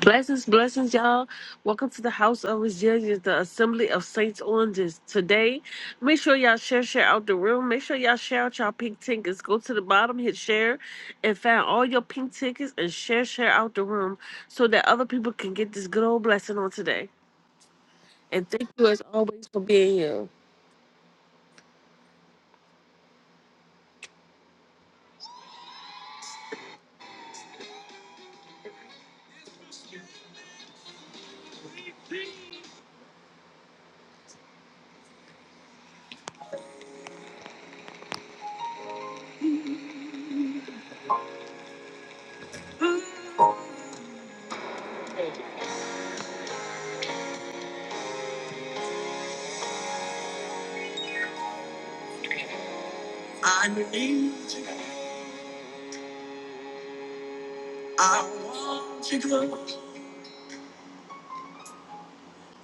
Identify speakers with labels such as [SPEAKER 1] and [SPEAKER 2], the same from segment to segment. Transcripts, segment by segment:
[SPEAKER 1] Blessings, blessings, y'all. Welcome to the House of Resilience, the Assembly of Saints on this today. Make sure y'all share, share out the room. Make sure y'all share out y'all pink tickets. Go to the bottom, hit share, and find all your pink tickets and share, share out the room so that other people can get this good old blessing on today. And thank you as always for being here. I believe I want to grow.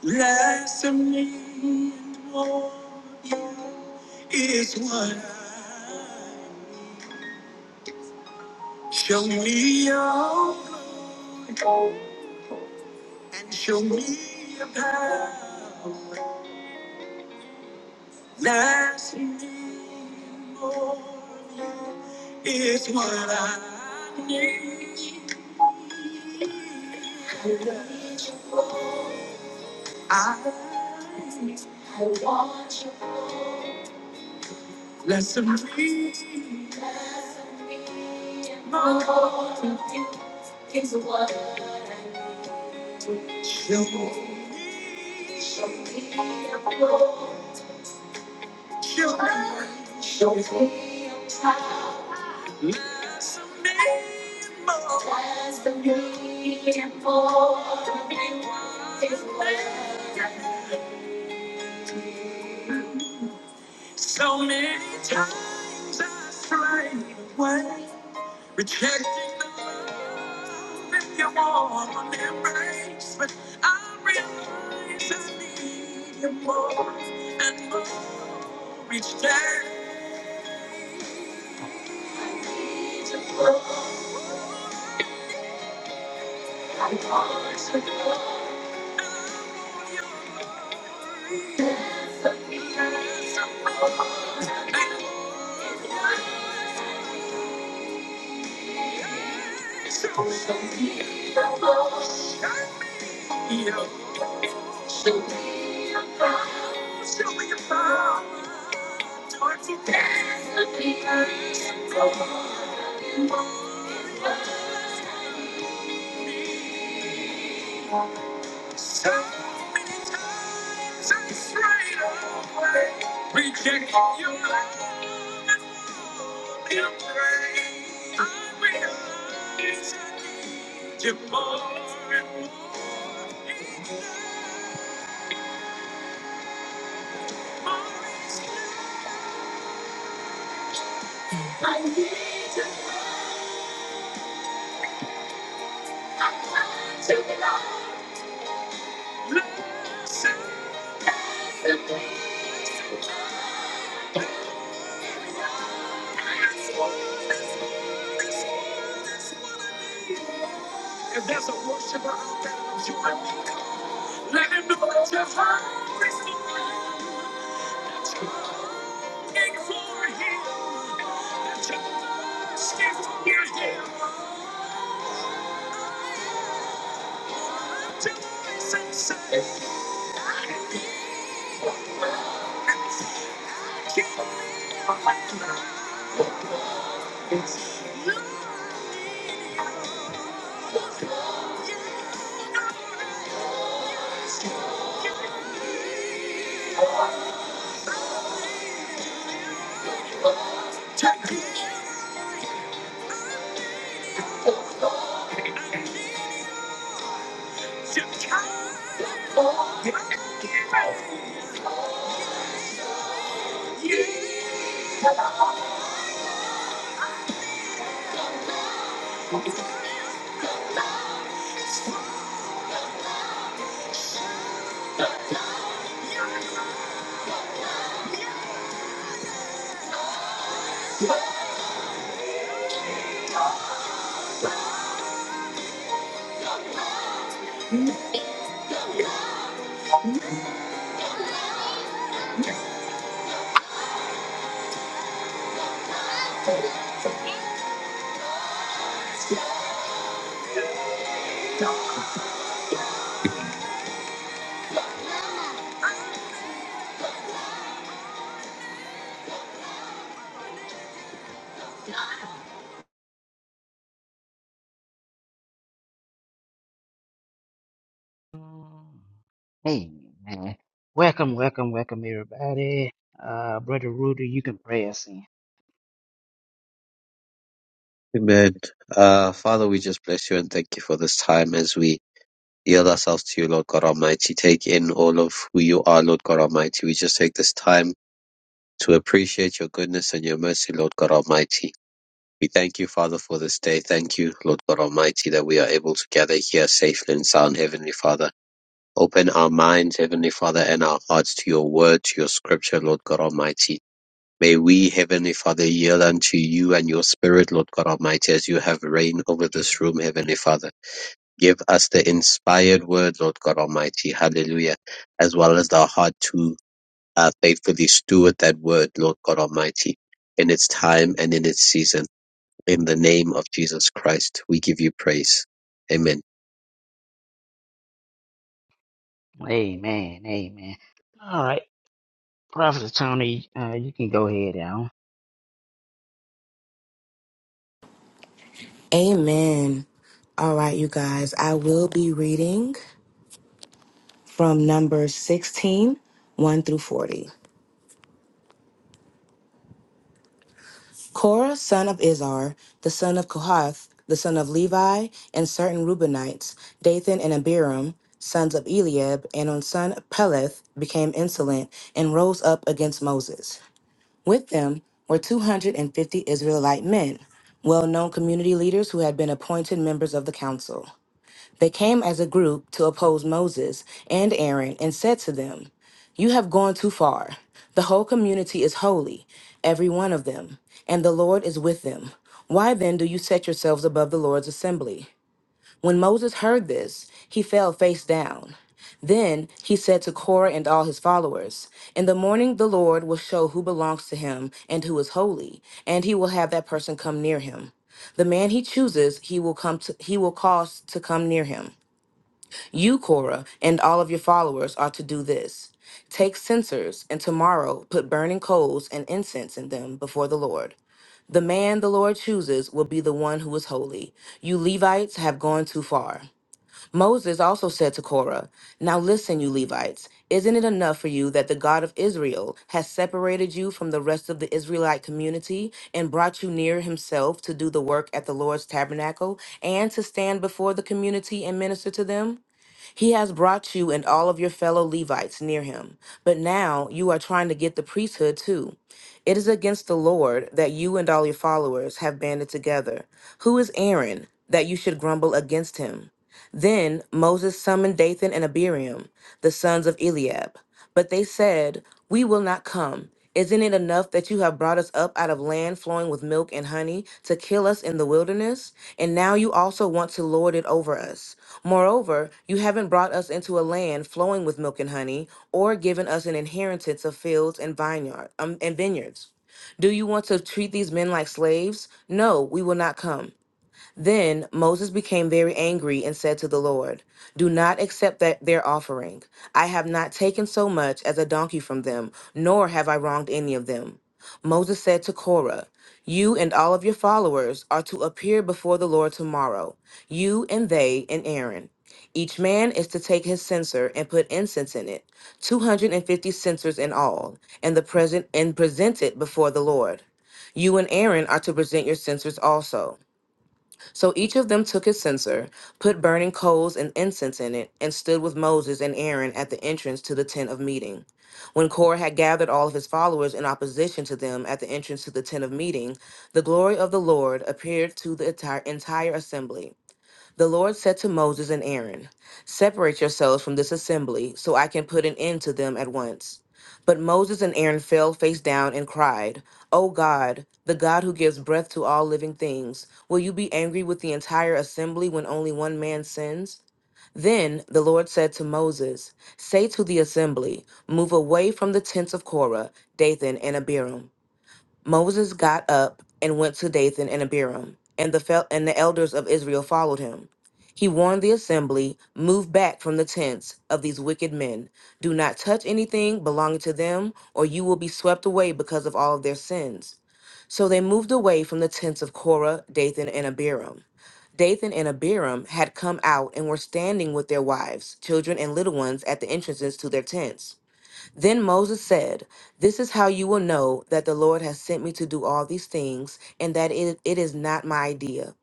[SPEAKER 1] Less of me and more of you is what I need. show me your glory and show me your power. Less of me and more of you is what I need. I need less of me, and more of you is what I need. So many times I strayed away, rejecting the love in your warm embrace. But I realize I need you more and more each day. Show me your power. Towards the day. So many times I strayed away, rejecting your love and warming embrace. I realize I need you more and more each day. More each day. I need to know, I want to belong. Listen, listen, please. If there's a worshiper out there you and me, let him know that you're looking for him, that you're asking for him. Rejoice and say, I am the Lord. Keep me alive. Oh, Yeah.
[SPEAKER 2] Um, Hey, man. Welcome, welcome, welcome, everybody. Uh, Brother Rudy, you can pray us in.
[SPEAKER 3] Amen. Uh, Father, we just bless you and thank you for this time as we yield ourselves to you, Lord God Almighty. Take in all of who you are, Lord God Almighty. We just take this time to appreciate your goodness and your mercy, Lord God Almighty. We thank you, Father, for this day. Thank you, Lord God Almighty, that we are able to gather here safely and sound, Heavenly Father. Open our minds, Heavenly Father, and our hearts to your word, to your scripture, Lord God Almighty. May we, Heavenly Father, yield unto you and your Spirit, Lord God Almighty, as you have reigned over this room, Heavenly Father. Give us the inspired word, Lord God Almighty, hallelujah, as well as the heart to uh, faithfully steward that word, Lord God Almighty, in its time and in its season. In the name of Jesus Christ, we give you praise. Amen.
[SPEAKER 2] Amen, amen. All right, Prophet Tony, uh, you can go ahead now.
[SPEAKER 4] Amen. All right, you guys, I will be reading from Numbers sixteen, one through 40. Korah, son of Izhar, the son of Kohath, the son of Levi, and certain Reubenites, Dathan and Abiram, sons of Eliab, and on son Peleth, became insolent and rose up against Moses. With them were 250 Israelite men, well known community leaders who had been appointed members of the council. They came as a group to oppose Moses and Aaron and said to them, You have gone too far. The whole community is holy, every one of them, and the Lord is with them. Why then do you set yourselves above the Lord's assembly? When Moses heard this, he fell face down. Then he said to Korah and all his followers, In the morning the Lord will show who belongs to him and who is holy, and he will have that person come near him. The man he chooses, he will come to, he will cause to come near him. You, Cora, and all of your followers are to do this take censers, and tomorrow put burning coals and incense in them before the Lord. The man the Lord chooses will be the one who is holy. You Levites have gone too far. Moses also said to Korah, Now listen, you Levites, isn't it enough for you that the God of Israel has separated you from the rest of the Israelite community and brought you near himself to do the work at the Lord's tabernacle and to stand before the community and minister to them? He has brought you and all of your fellow Levites near him, but now you are trying to get the priesthood too. It is against the Lord that you and all your followers have banded together. Who is Aaron that you should grumble against him? Then Moses summoned Dathan and Abiram, the sons of Eliab. But they said, We will not come. Isn't it enough that you have brought us up out of land flowing with milk and honey to kill us in the wilderness? And now you also want to lord it over us. Moreover, you haven't brought us into a land flowing with milk and honey, or given us an inheritance of fields and vineyard um, and vineyards. Do you want to treat these men like slaves? No, we will not come. Then Moses became very angry and said to the Lord, Do not accept that their offering. I have not taken so much as a donkey from them, nor have I wronged any of them. Moses said to Korah, You and all of your followers are to appear before the Lord tomorrow, you and they and Aaron. Each man is to take his censer and put incense in it, 250 censers in all, and the present and present it before the Lord. You and Aaron are to present your censers also. So each of them took his censer, put burning coals and incense in it, and stood with Moses and Aaron at the entrance to the tent of meeting. When Korah had gathered all of his followers in opposition to them at the entrance to the tent of meeting, the glory of the Lord appeared to the entire, entire assembly. The Lord said to Moses and Aaron, Separate yourselves from this assembly, so I can put an end to them at once. But Moses and Aaron fell face down and cried, O God, the God who gives breath to all living things, will you be angry with the entire assembly when only one man sins? Then the Lord said to Moses, Say to the assembly, Move away from the tents of Korah, Dathan, and Abiram. Moses got up and went to Dathan and Abiram, and the fel- and the elders of Israel followed him. He warned the assembly, "Move back from the tents of these wicked men. Do not touch anything belonging to them, or you will be swept away because of all of their sins." So they moved away from the tents of Korah, Dathan, and Abiram. Dathan and Abiram had come out and were standing with their wives, children, and little ones at the entrances to their tents. Then Moses said, This is how you will know that the Lord has sent me to do all these things, and that it, it is not my idea.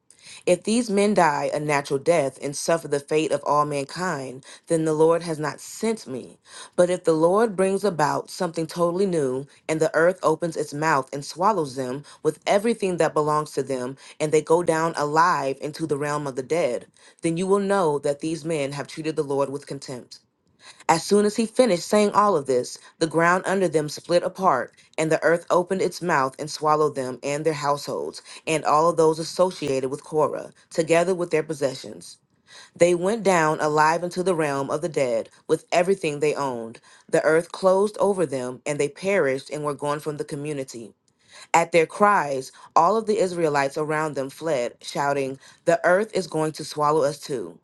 [SPEAKER 4] If these men die a natural death and suffer the fate of all mankind, then the Lord has not sent me. But if the Lord brings about something totally new, and the earth opens its mouth and swallows them with everything that belongs to them, and they go down alive into the realm of the dead, then you will know that these men have treated the Lord with contempt. As soon as he finished saying all of this, the ground under them split apart, and the earth opened its mouth and swallowed them and their households, and all of those associated with Korah, together with their possessions. They went down alive into the realm of the dead with everything they owned. The earth closed over them, and they perished and were gone from the community. At their cries, all of the Israelites around them fled, shouting, The earth is going to swallow us too.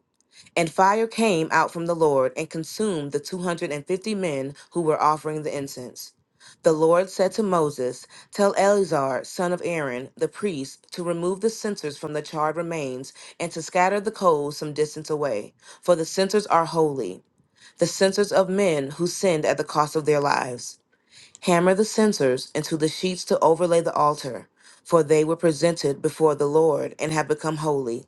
[SPEAKER 4] And fire came out from the Lord and consumed the 250 men who were offering the incense. The Lord said to Moses, Tell Eleazar, son of Aaron, the priest, to remove the censers from the charred remains and to scatter the coals some distance away, for the censers are holy, the censers of men who sinned at the cost of their lives. Hammer the censers into the sheets to overlay the altar, for they were presented before the Lord and have become holy.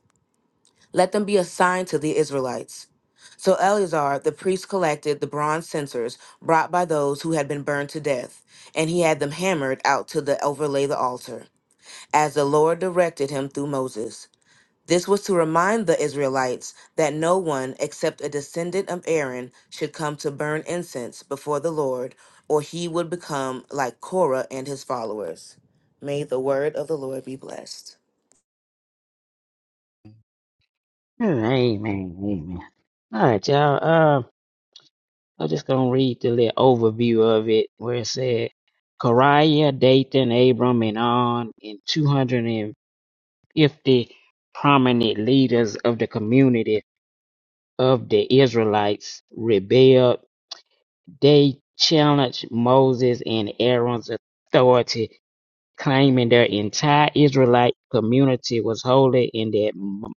[SPEAKER 4] Let them be a sign to the Israelites. So Eleazar the priest collected the bronze censers brought by those who had been burned to death, and he had them hammered out to the overlay the altar, as the Lord directed him through Moses. This was to remind the Israelites that no one except a descendant of Aaron should come to burn incense before the Lord, or he would become like Korah and his followers. May the word of the Lord be blessed.
[SPEAKER 2] Amen, amen. All right, y'all. Uh, I'm just gonna read the little overview of it where it said Kariah, Dathan, Abram, and On, and 250 prominent leaders of the community of the Israelites rebelled They challenged Moses and Aaron's authority, claiming their entire Israelite community was holy and that, Mo-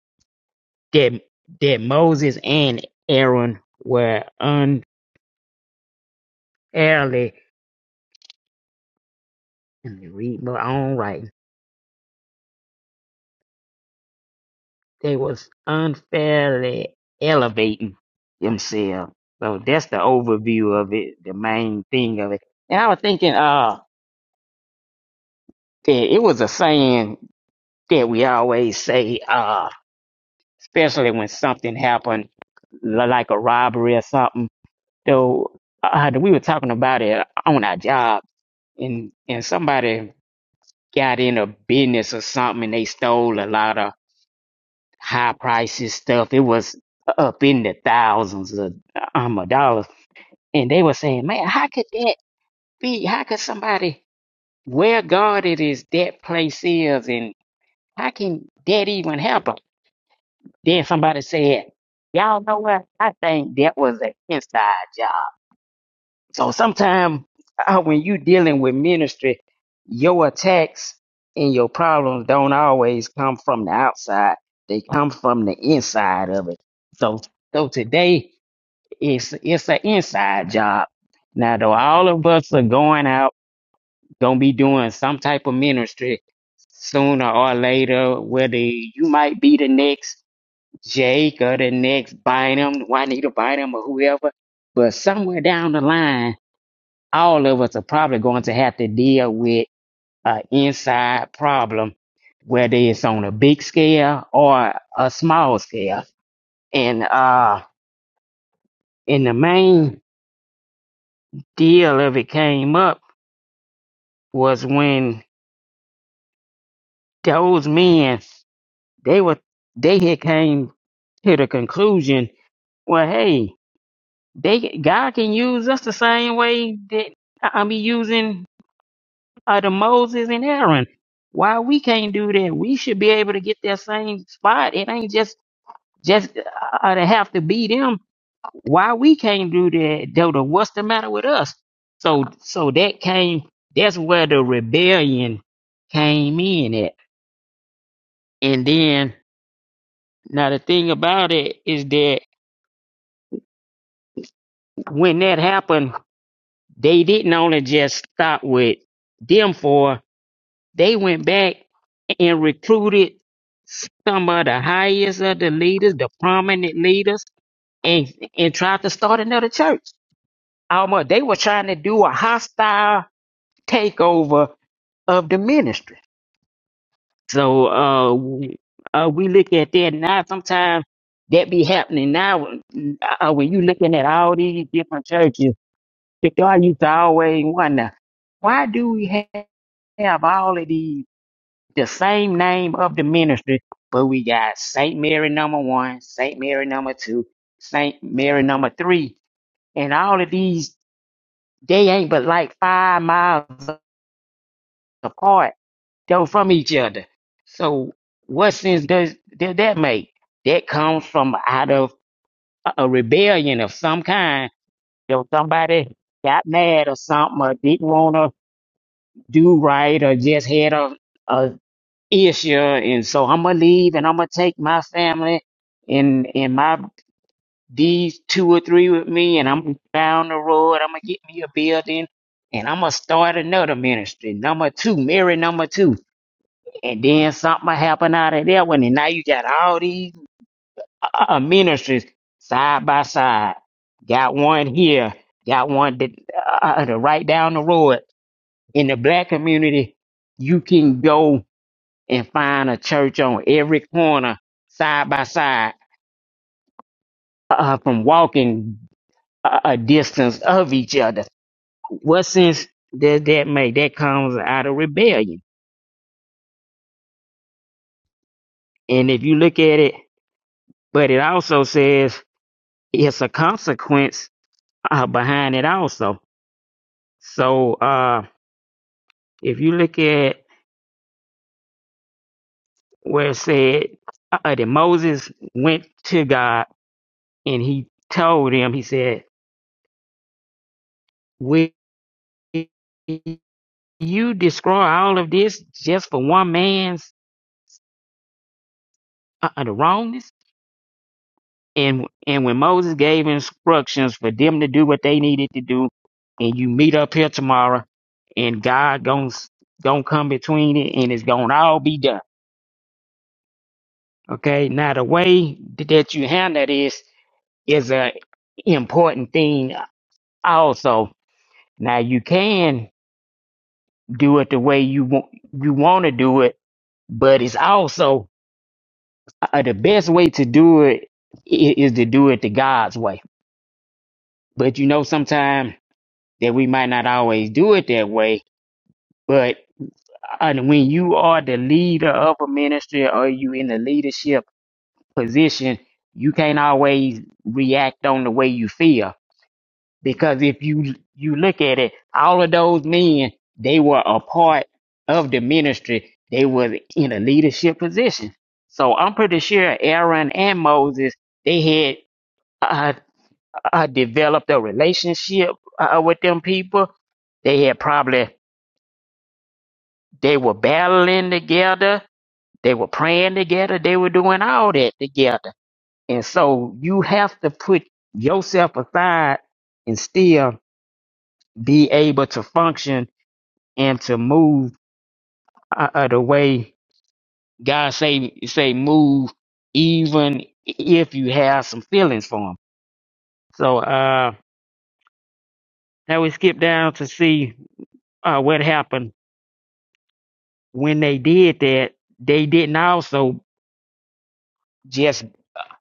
[SPEAKER 2] that, that Moses and Aaron were unfairly, let me read my own writing, they was unfairly elevating themselves. So that's the overview of it, the main thing of it. And I was thinking, uh, that it was a saying that we always say. uh, especially when something happened li- like a robbery or something. So uh, we were talking about it on our job, and and somebody got in a business or something, and they stole a lot of high prices stuff. It was up in the thousands of um, of dollars, and they were saying, "Man, how could that be? How could somebody where guarded is that place is, and how can that even happen?" Then somebody said, Y'all know what? I think that was an inside job. So sometimes uh, when you dealing with ministry, your attacks and your problems don't always come from the outside. They come from the inside of it. So so today it's it's an inside job. Now though all of us are going out, gonna be doing some type of ministry sooner or later, whether you might be the next Jake or the next Bynum, Juanita Bynum or whoever. But somewhere down the line, all of us are probably going to have to deal with an inside problem, whether it's on a big scale or a small scale. And uh, and the main deal of it came up was when those men they were they had came to the conclusion, well, hey, They God can use us the same way that I'm using uh, the Moses and Aaron. Why we can't do that? We should be able to get that same spot. It ain't just just uh, to have to be them. Why we can't do that? Dodo, what's the matter with us? So so that came. That's where the rebellion came in at. And then now the thing about it is that when that happened, they didn't only just stop with them four They went back and recruited some of the highest of the leaders, the prominent leaders, and and tried to start another church. Almost they were trying to do a hostile takeover of the ministry. So uh, w- uh we look at that now. Sometimes that be happening now when- uh, when you looking at all these different churches. Because I used to always wonder why do we have have all of these? the same name of the ministry, but we got Saint Mary number one, Saint Mary number two, Saint Mary number three, and all of these they ain't but like five miles apart though from each other. So what sense does does that make? That comes from out of a a rebellion of some kind. Though somebody got mad or something, or didn't want to do right, or just had a a, issue, and so I'm gonna leave, and I'm gonna take my family and and my these two or three with me, and I'm down the road. I'm gonna get me a building, and I'm gonna start another ministry, number two, Mary number two, and then something happen out of that one, and now you got all these uh, uh, ministries side by side. Got one here, got one that, uh, uh, right down the road in the black community. You can go and find a church on every corner, side by side, uh, from walking a, a distance of each other. What sense does that make? That comes out of rebellion. And if you look at it, but it also says it's a consequence uh, behind it also. So uh, if you look at where it said uh, that Moses went to God and he told him, he said, "We." you destroy all of this just for one man's uh, uh, the wrongness and and when moses gave instructions for them to do what they needed to do and you meet up here tomorrow and god gon' going come between it and it's gonna all be done okay now the way that you handle this is a important thing also now you can do it the way you want you want to do it but it's also Uh, the best way to do it i- is to do it the God's way. But you know, sometimes that we might not always do it that way. But uh, when you are the leader of a ministry or you in the leadership position, you can't always react on the way you feel because if you you look at it, all of those men they were a part of the ministry. They were in a leadership position. So I'm pretty sure Aaron and Moses they had uh, I developed a relationship uh, with them people. They had probably they were battling together, they were praying together, they were doing all that together. And so you have to put yourself aside and still be able to function and to move uh, uh, the way God say say move, even if you have some feelings for Him. So uh, now we skip down to see uh, what happened when they did that, they didn't also just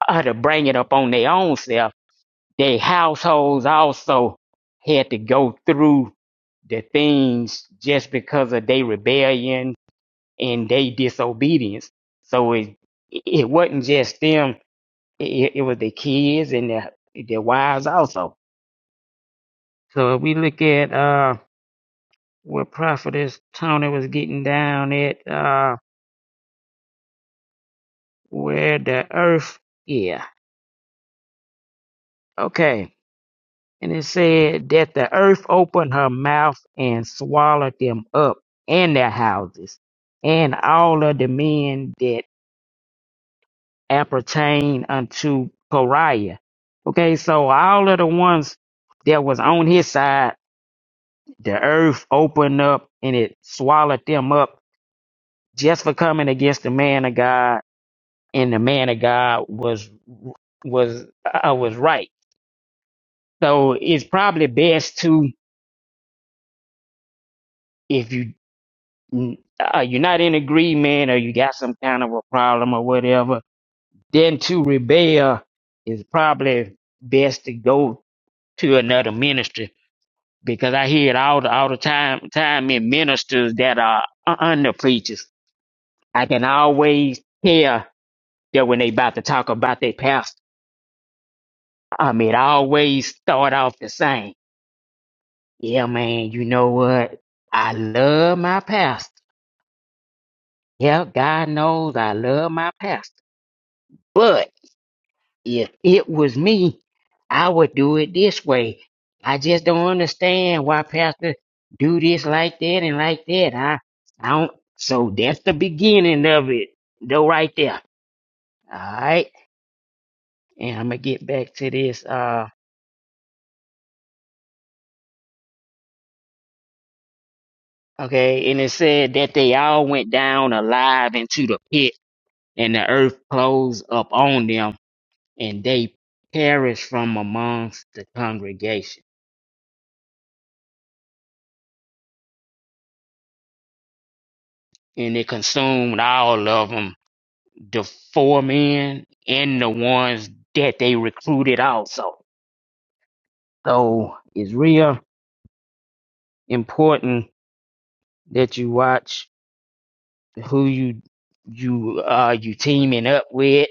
[SPEAKER 2] uh, to bring it up on their own self. Their households also had to go through the things just because of their rebellion and their disobedience. So it it wasn't just them; it, it was the kids and their their wives also. So if we look at uh where Prophetess Tony was getting down at uh where the earth, yeah, okay And it said that the earth opened her mouth and swallowed them up and their houses, and all of the men that appertain unto Coriah. Okay, so all of the ones that was on his side, the earth opened up and it swallowed them up just for coming against the man of God, and the man of God was was uh, was right. So it's probably best to if you mm, uh, you're not in agreement or you got some kind of a problem or whatever, then to rebel is probably best to go to another ministry because I hear it all the, all the time time in ministers that are u- under preachers. I can always tell that when they about to talk about their pastor, I mean, it always start off the same. Yeah, man, you know what? I love my pastor. Yeah, God knows I love my pastor. if it was me, I would do it this way. I just don't understand why pastor do this like that and like that. I, I don't. So that's the beginning of it, though, right there. All right, and I'm gonna get back to this. Uh, okay, and it said that they all went down alive into the pit, and the earth closed up on them, and they perished from amongst the congregation, and it consumed all of them. the four men and the ones that they recruited also. So it's real important that you watch who you you uh you teaming up with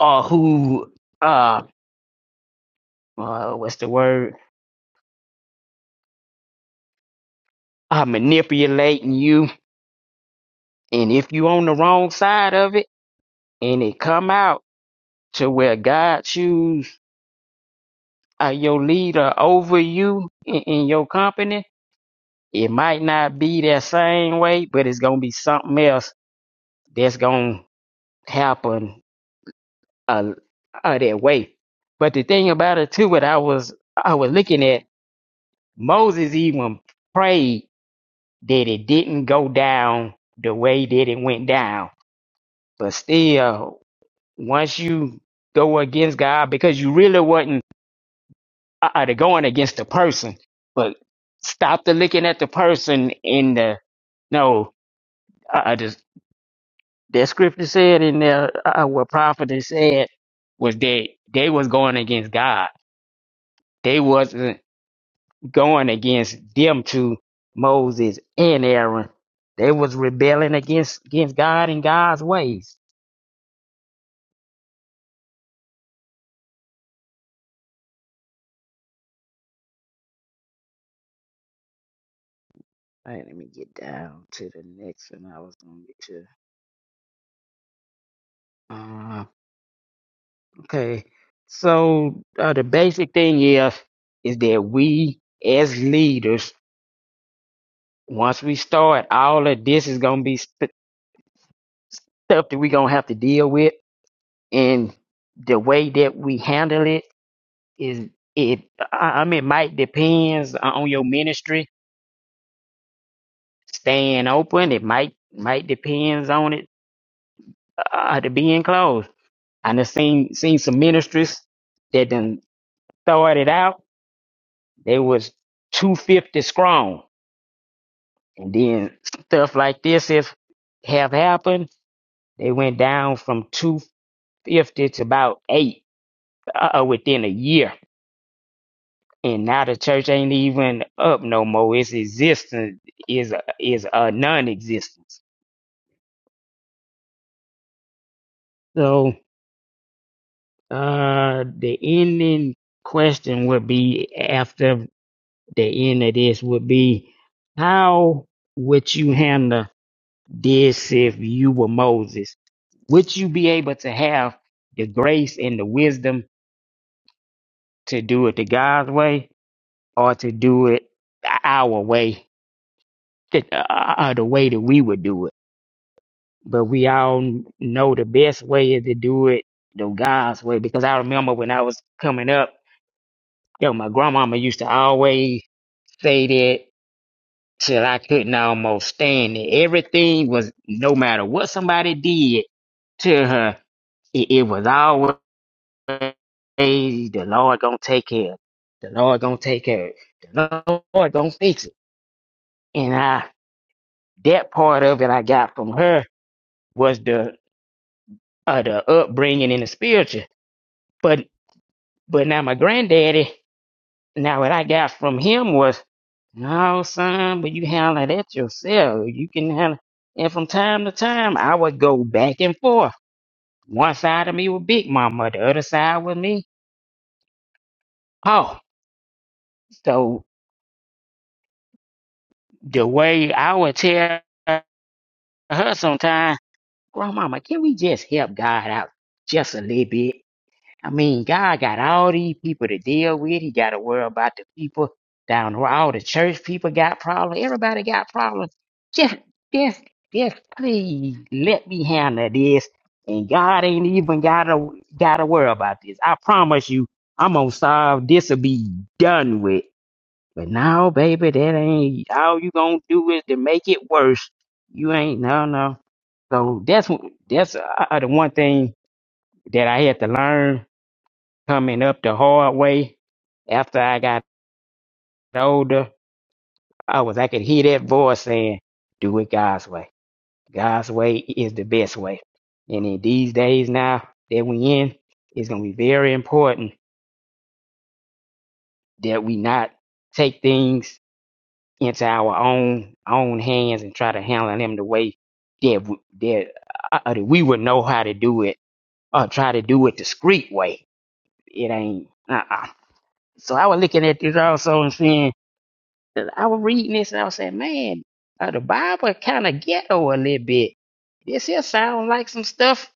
[SPEAKER 2] or who uh, uh what's the word uh manipulating you and if you on the wrong side of it and it come out to where God choose uh, your leader over you in, in your company It might not be that same way, but it's gonna be something else that's gonna happen uh, uh, that way. But the thing about it too, what I was I was looking at Moses even prayed that it didn't go down the way that it went down. But still, once you go against God, because you really wasn't uh, uh, going against the person, but stop the looking at the person in the no. uh uh, the That scripture said in there uh, what prophet had said was that they was going against God. They wasn't going against them to Moses and Aaron. They was rebelling against against God and God's ways. All right, let me get down to the next one I was gonna get to. Uh, okay, so uh, the basic thing is is that we as leaders, once we start, all of this is gonna be st- stuff that we gonna have to deal with and the way that we handle it is it i I mean it might depends on your ministry staying open it might might depends on it uh, to being closed i done seen seen some ministries that done thought it out they was 250 strong and then stuff like this if have happened they went down from 250 to about eight uh, within a year and now the church ain't even up no more. Its existence is a, is a non-existence. So uh, the ending question would be after the end of this would be how would you handle this if you were Moses? Would you be able to have the grace and the wisdom to do it the God's way or to do it our way, the, uh, uh, the way that we would do it? but we all know the best way is to do it the God's way. Because I remember when I was coming up, yo, my grandmama used to always say that till I couldn't almost stand it. Everything was no matter what somebody did to her, it, it was always the Lord gonna take care. of it. The Lord gonna take care. of it. The Lord gonna fix it. And I that part of it I got from her was the uh, the upbringing in the spiritual. But But now my granddaddy, now what I got from him was, no, son, but you handle that yourself. You can handle And from time to time, I would go back and forth. One side of me was Big Mama, the other side was me. Oh, so the way I would tell her sometimes, Grandmama, can we just help God out just a little bit? I mean, God got all these people to deal with. He got to worry about the people down the road. All the church people got problems. Everybody got problems. Just, just, just please let me handle this. And God ain't even gotta gotta worry about this. I promise you, I'm gonna solve this. Will be done with. But now, baby, that ain't all you gonna do is to make it worse. You ain't no no. So that's what- that's uh, uh, the one thing that I had to learn coming up the hard way after I got older, I was I could hear that voice saying, Do it God's way. God's way is the best way. And in these days now that we in, it's gonna be very important that we not take things into our own own hands and try to handle them the way that w- that, uh, uh, that we would know how to do it or try to do it the street way. It ain't uh uh. So I was looking at this also and saying. 'Cause I was reading this and I was saying, man, uh, the Bible kind of ghetto a little bit. This here sound like some stuff.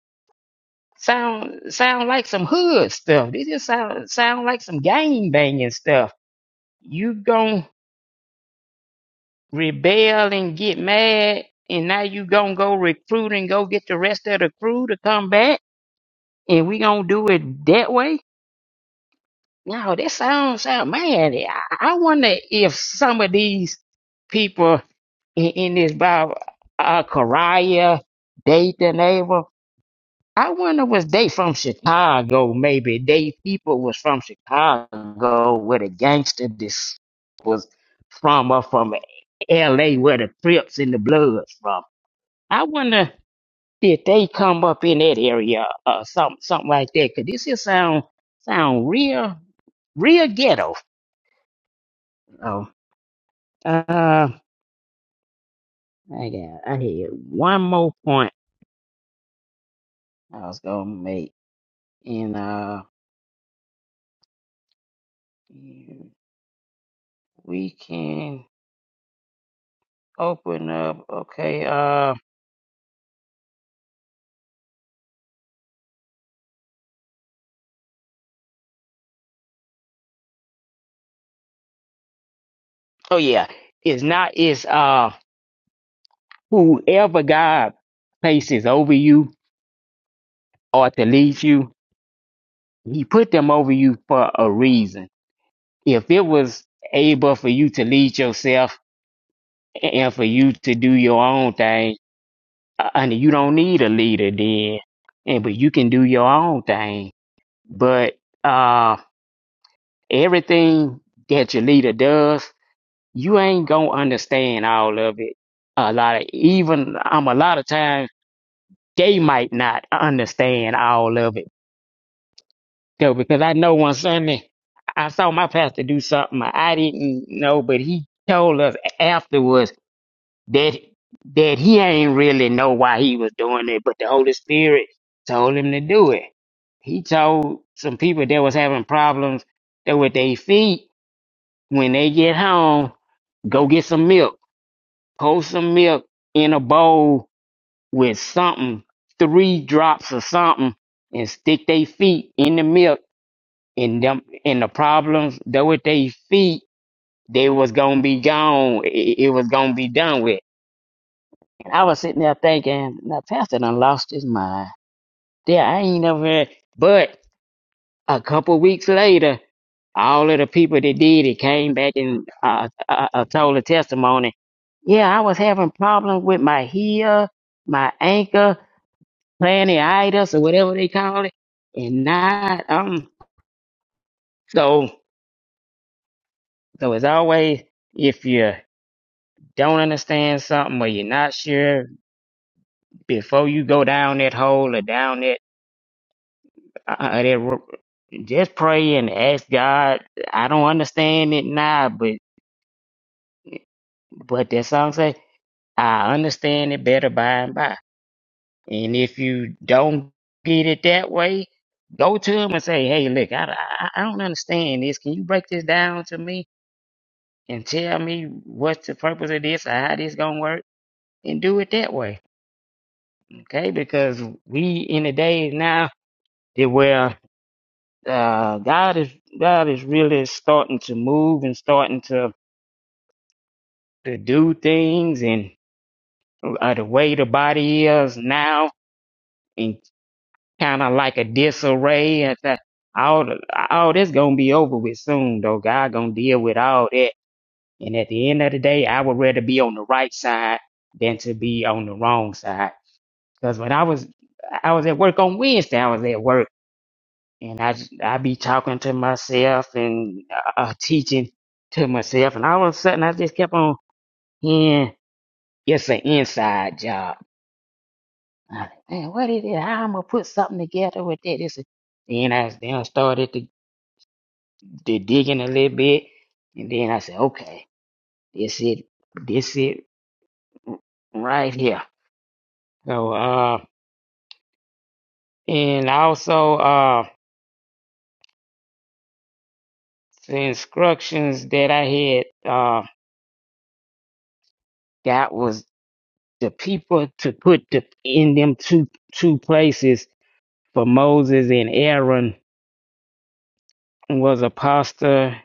[SPEAKER 2] Sound sound like some hood stuff. This just sound sound like some gang banging stuff. You gon' rebel and get mad, and now you gon' go recruit and go get the rest of the crew to come back, and we gonna do it that way. No, that sounds sound man. I, I wonder if some of these people in, in this Bible, uh, Kariah, Dathan, Abel, I wonder was they from Chicago? Maybe they people was from Chicago, where the gangster this was from, or from L.A., where the Crips and the Bloods from. I wonder if they come up in that area or something, something like that. Cause this here sound sound real, real ghetto. Oh, uh, I got, I had one more point I was gonna make, and uh, we can open up. Okay. Uh, oh yeah, it's not. It's uh, whoever God places over you or to lead you, He put them over you for a reason. If it was able for you to lead yourself and for you to do your own thing uh, and you don't need a leader then and but you can do your own thing but uh everything that your leader does you ain't gonna understand all of it a lot of even um a lot of times they might not understand all of it though because i know one sunday i saw my pastor do something i didn't know but he told us afterwards that that he ain't really know why he was doing it, but the Holy Spirit told him to do it. He told some people that was having problems that with their feet when they get home, go get some milk, pour some milk in a bowl with something, three drops of something, and stick their feet in the milk. And them and the problems that with their feet, they was gonna be gone. It, it was gonna be done with And I was sitting there thinking, now Pastor done lost his mind. Yeah, I ain't never heard. But a couple weeks later, all of the people that did it came back and uh, uh, uh, told a testimony. Yeah, I was having problems with my heel, my ankle, planitis, or whatever they call it, and not um. So, so as always, if you don't understand something or you're not sure, before you go down that hole or down that I, I, that just pray and ask God. I don't understand it now, but but that song say I understand it better by and by. And if you don't get it that way, go to him and say, Hey, look, I I, I don't understand this. Can you break this down to me and tell me what's the purpose of this or how this gonna work? And do it that way, okay? Because we in the days now that where uh, God is God is really starting to move and starting to to do things and uh, the way the body is now and kind of like a disarray and that all the- all this gonna be over with soon though god gonna deal with all that and at the end of the day i would rather be on the right side than to be on the wrong side because when i was i was at work on wednesday i was at work and i j- i be talking to myself and uh, uh, teaching to myself and all of a sudden i just kept on hearing it's an inside job I was like, man, what is it? How I'm gonna put something together with that? This, and-" then I then I started to, to digging a little bit, and then I said, okay, this it, this it right here. So, uh, and also, uh, the instructions that I had, uh, got was the people to put the, in them two two places for Moses and Aaron was a pastor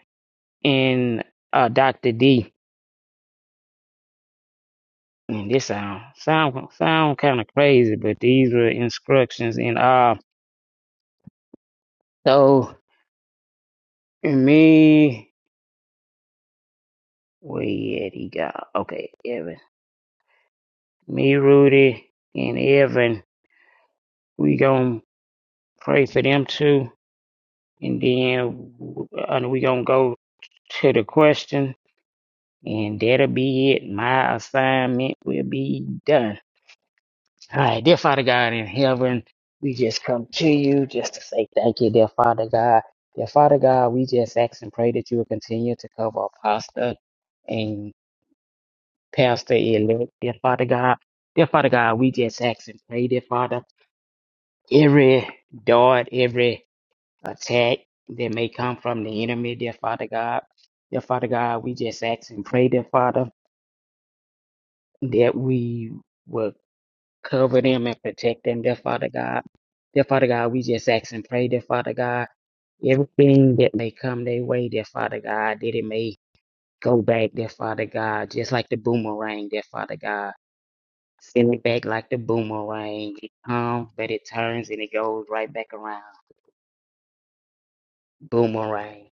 [SPEAKER 2] and uh, Dr. D. And this sound sound sound kind of crazy, but these were instructions. And uh, so me, where yet he got okay, Evan, me, Rudy, and Evan, we gonna pray for them too, and then uh, we gonna go to the question, and that'll be it. My assignment will be done. All right, dear Father God in heaven, we just come to you just to say thank you, dear Father God. Dear Father God, we just ask and pray that you will continue to cover Apostle and Pastor elect, dear Father God. Dear Father God, we just ask and pray, dear Father, every dart, every attack that may come from the enemy, dear Father God. Dear Father God, we just ask and pray, dear Father, that we will Cover them and protect them, dear Father God. Dear Father God, we just ask and pray, dear Father God. Everything that may come their way, dear Father God, that it may go back, dear Father God, just like the boomerang, dear Father God. Send it back like the boomerang. It comes, but it turns and it goes right back around. Boomerang.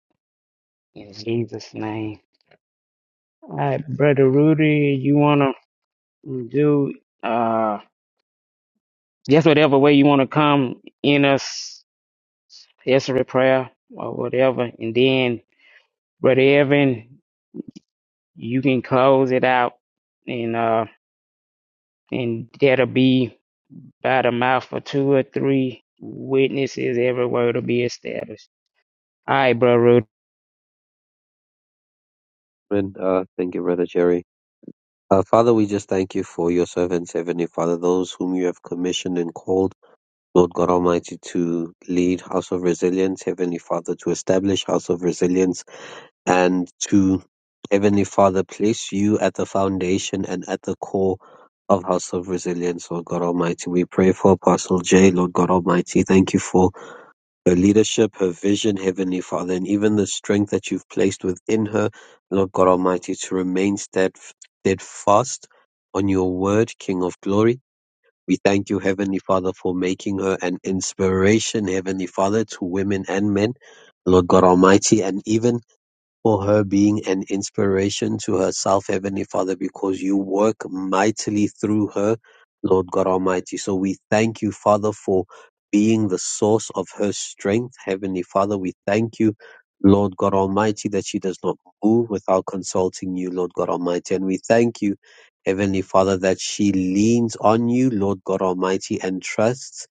[SPEAKER 2] In Jesus' name. All right, Brother Rudy, you want to do uh, just whatever way you want to come in us Yesterday prayer or whatever, and then Brother Evan, you can close it out, and uh, and that'll be by the mouth of two or three witnesses. Every word will be established. All right, Brother Rudy.
[SPEAKER 3] Amen. Uh, thank you, Brother Jerry. Uh, Father, we just thank you for your servants, Heavenly Father, those whom you have commissioned and called. Lord God Almighty to lead House of Resilience, Heavenly Father to establish House of Resilience and to Heavenly Father place you at the foundation and at the core of House of Resilience, Lord God Almighty. We pray for Apostle Jay, Lord God Almighty. Thank you for her leadership, her vision, Heavenly Father, and even the strength that you've placed within her, Lord God Almighty, to remain steadf- steadfast on your word, King of glory we thank you, Heavenly Father, for making her an inspiration, Heavenly Father, to women and men, Lord God Almighty, and even for her being an inspiration to herself, Heavenly Father, because you work mightily through her, Lord God Almighty. So we thank you, Father, for being the source of her strength, Heavenly Father. We thank you, Lord God Almighty, that she does not move without consulting you, Lord God Almighty. And we thank you, Heavenly Father, that she leans on you, Lord God Almighty, and trusts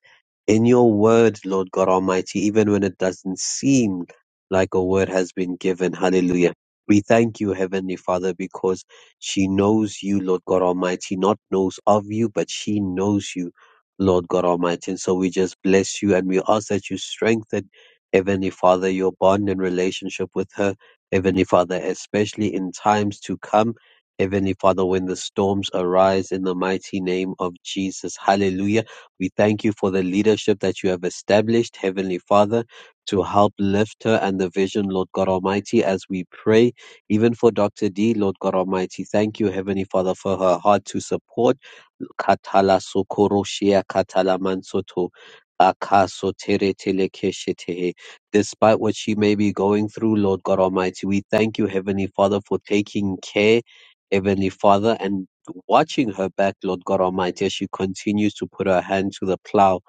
[SPEAKER 3] in your word, Lord God Almighty, even when it doesn't seem like a word has been given. Hallelujah. We thank you, Heavenly Father, because she knows you, Lord God Almighty, not knows of you, but she knows you, Lord God Almighty. And so we just bless you and we ask that you strengthen, Heavenly Father, your bond and relationship with her, Heavenly Father, especially in times to come. Heavenly Father, when the storms arise in the mighty name of Jesus. Hallelujah. We thank you for the leadership that you have established, Heavenly Father to help lift her and the vision, Lord God Almighty, as we pray, even for Dr. D, Lord God Almighty. Thank you, Heavenly Father, for her heart to support. Katala sokoroshia katala mansoto. akaso tere telekeshetehe. Despite what she may be going through, Lord God Almighty, we thank you, Heavenly Father, for taking care, Heavenly Father, and watching her back, Lord God Almighty, as she continues to put her hand to the plow.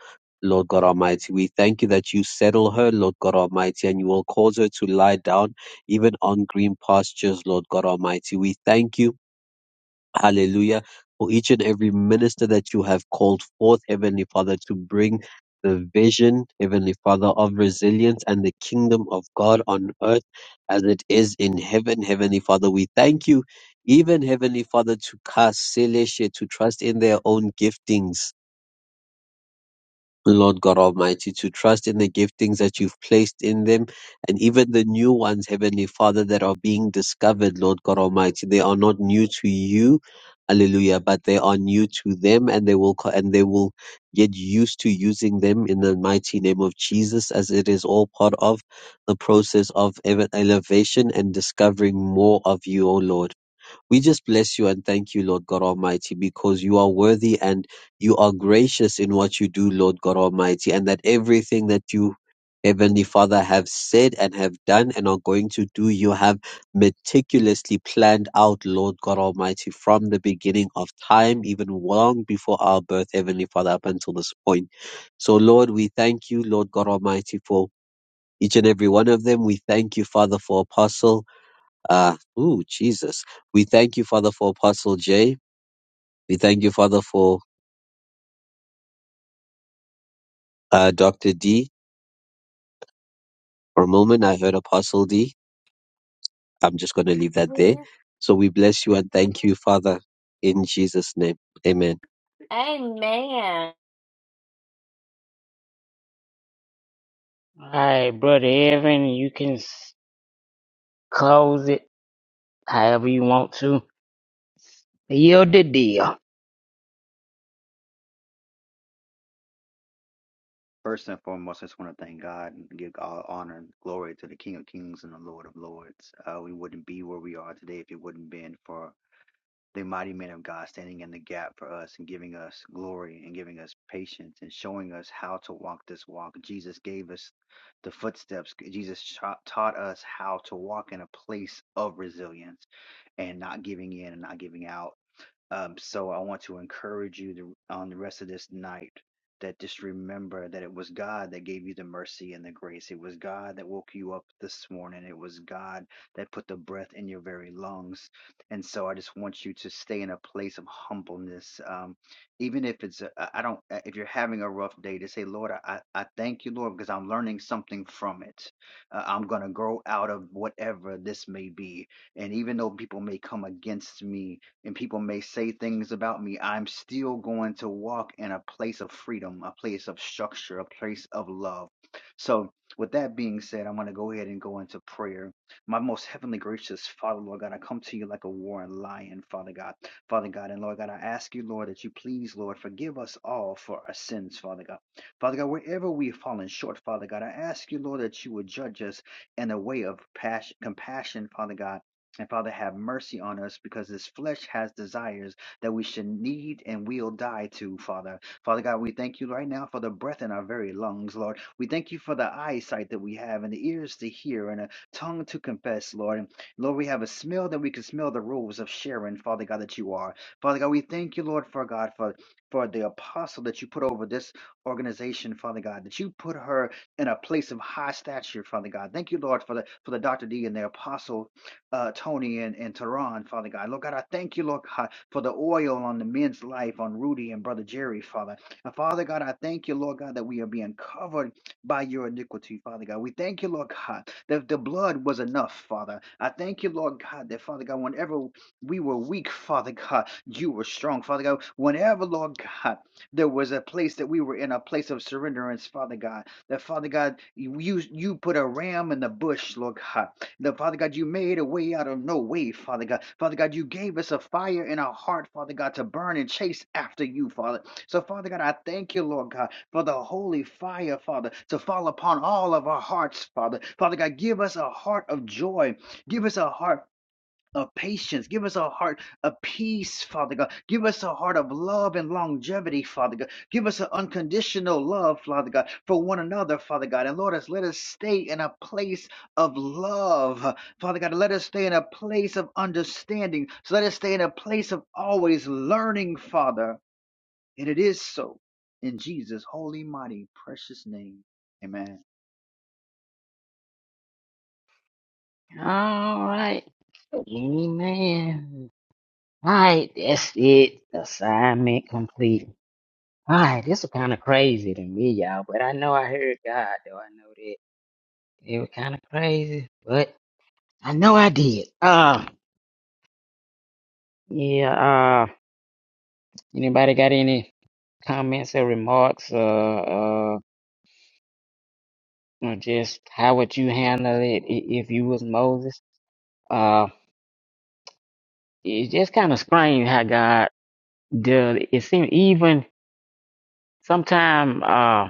[SPEAKER 3] Lord God Almighty. We thank you that you settle her, Lord God Almighty, and you will cause her to lie down even on green pastures, Lord God Almighty. We thank you, hallelujah, for each and every minister that you have called forth, Heavenly Father, to bring the vision, Heavenly Father, of resilience and the kingdom of God on earth as it is in heaven, Heavenly Father. We thank you, even Heavenly Father, to cast Selesha, to trust in their own giftings Lord God Almighty, to trust in the giftings that you've placed in them and even the new ones, Heavenly Father, that are being discovered, Lord God Almighty. They are not new to you. Hallelujah. But they are new to them and they will, co- and they will get used to using them in the mighty name of Jesus as it is all part of the process of ev- elevation and discovering more of you, O Lord. We just bless you and thank you, Lord God Almighty, because you are worthy and you are gracious in what you do, Lord God Almighty, and that everything that you, Heavenly Father, have said and have done and are going to do, you have meticulously planned out, Lord God Almighty, from the beginning of time, even long before our birth, Heavenly Father, up until this point. So, Lord, we thank you, Lord God Almighty, for each and every one of them. We thank you, Father, for Apostle. Uh, ooh, Jesus. We thank you, Father, for Apostle J. We thank you, Father, for uh, Dr. D. For a moment, I heard Apostle D. I'm just going to leave that there.
[SPEAKER 5] Amen.
[SPEAKER 3] So we bless you and thank you, Father, in Jesus' name. Amen.
[SPEAKER 2] All right, Brother Evan, you can s- close it however you want to. Yield the deal.
[SPEAKER 6] First and foremost, I just want to thank God and give all honor and glory to the King of Kings and the Lord of Lords. Uh, we wouldn't be where we are today if it wouldn't been for the mighty men of God standing in the gap for us and giving us glory and giving us patience and showing us how to walk this walk. Jesus gave us the footsteps. Jesus sha- taught us how to walk in a place of resilience and not giving in and not giving out um, so I want to encourage you to, on the rest of this night that just remember that it was God that gave you the mercy and the grace. It was God that woke you up this morning. It was God that put the breath in your very lungs. And so I just want you to stay in a place of humbleness. Um, even if it's, a- I I don't, uh, if you're having a rough day, to say, Lord, I, I I thank you, Lord, because I'm learning something from it. Uh, I'm going to grow out of whatever this may be. And even though people may come against me, and people may say things about me, I'm still going to walk in a place of freedom, a place of structure, a place of love. So, with that being said, I'm going to go ahead and go into prayer. My most heavenly gracious Father, Lord God, I come to you like a warring lion, Father God. Father God, and Lord God, I ask you, Lord, that you please, Lord, forgive us all for our sins, Father God. Father God, wherever we've fallen short, Father God, I ask you, Lord, that you would judge us in a way of passion, compassion, Father God and Father, have mercy on us because this flesh has desires that we should need and will die to, Father. Father God, we thank you right now for the breath in our very lungs, Lord. We thank you for the eyesight that we have and the ears to hear and a tongue to confess, Lord. And Lord, we have a smell that we can smell the rose of Sharon, Father God, that you are. Father God, we thank you, Lord, for God, for, for the apostle that you put over this organization, Father God, that you put her in a place of high stature, Father God. Thank you, Lord, for the for the Dr. D and the apostle uh, Tony and, and Tehran, Father God. Lord God, I thank you, Lord God, for the oil on the men's life, on Rudy and Brother Jerry, Father. And Father God, I thank you, Lord God, that we are being covered by your iniquity, Father God. We thank you, Lord God, that the blood was enough, Father. I thank you, Lord God, that Father God, whenever we were weak, Father God, you were strong, Father God. Whenever, Lord God, there was a place that we were in a place of surrenderance, Father God. That Father God, you you you put a ram in the bush, Lord God. The Father God, you made a way out of no way, Father God. Father God, you gave us a fire in our heart, Father God, to burn and chase after you, Father. So, Father God, I thank you, Lord God, for the holy fire, Father, to fall upon all of our hearts, Father. Father God, give us a heart of joy. Give us a heart of patience. Give us a heart of peace, Father God. Give us a heart of love and longevity, Father God. Give us an unconditional love, Father God, for one another, Father God. And Lord, us let us stay in a place of love, Father God. Let us stay in a place of understanding. So let us stay in a place of always learning, Father. And it is so. In Jesus' holy, mighty, precious name. Amen.
[SPEAKER 2] All right, amen. All right, that's it. Assignment complete. All right, this was kind of crazy to me, y'all, but I know I heard God, though. I know that it was kind of crazy, but I know I did. Uh, yeah, uh, anybody got any comments or remarks, uh, uh, or just how would you handle it i- if you was Moses? Uh, it's just kind of strange how God does it. It seemed even sometime, uh,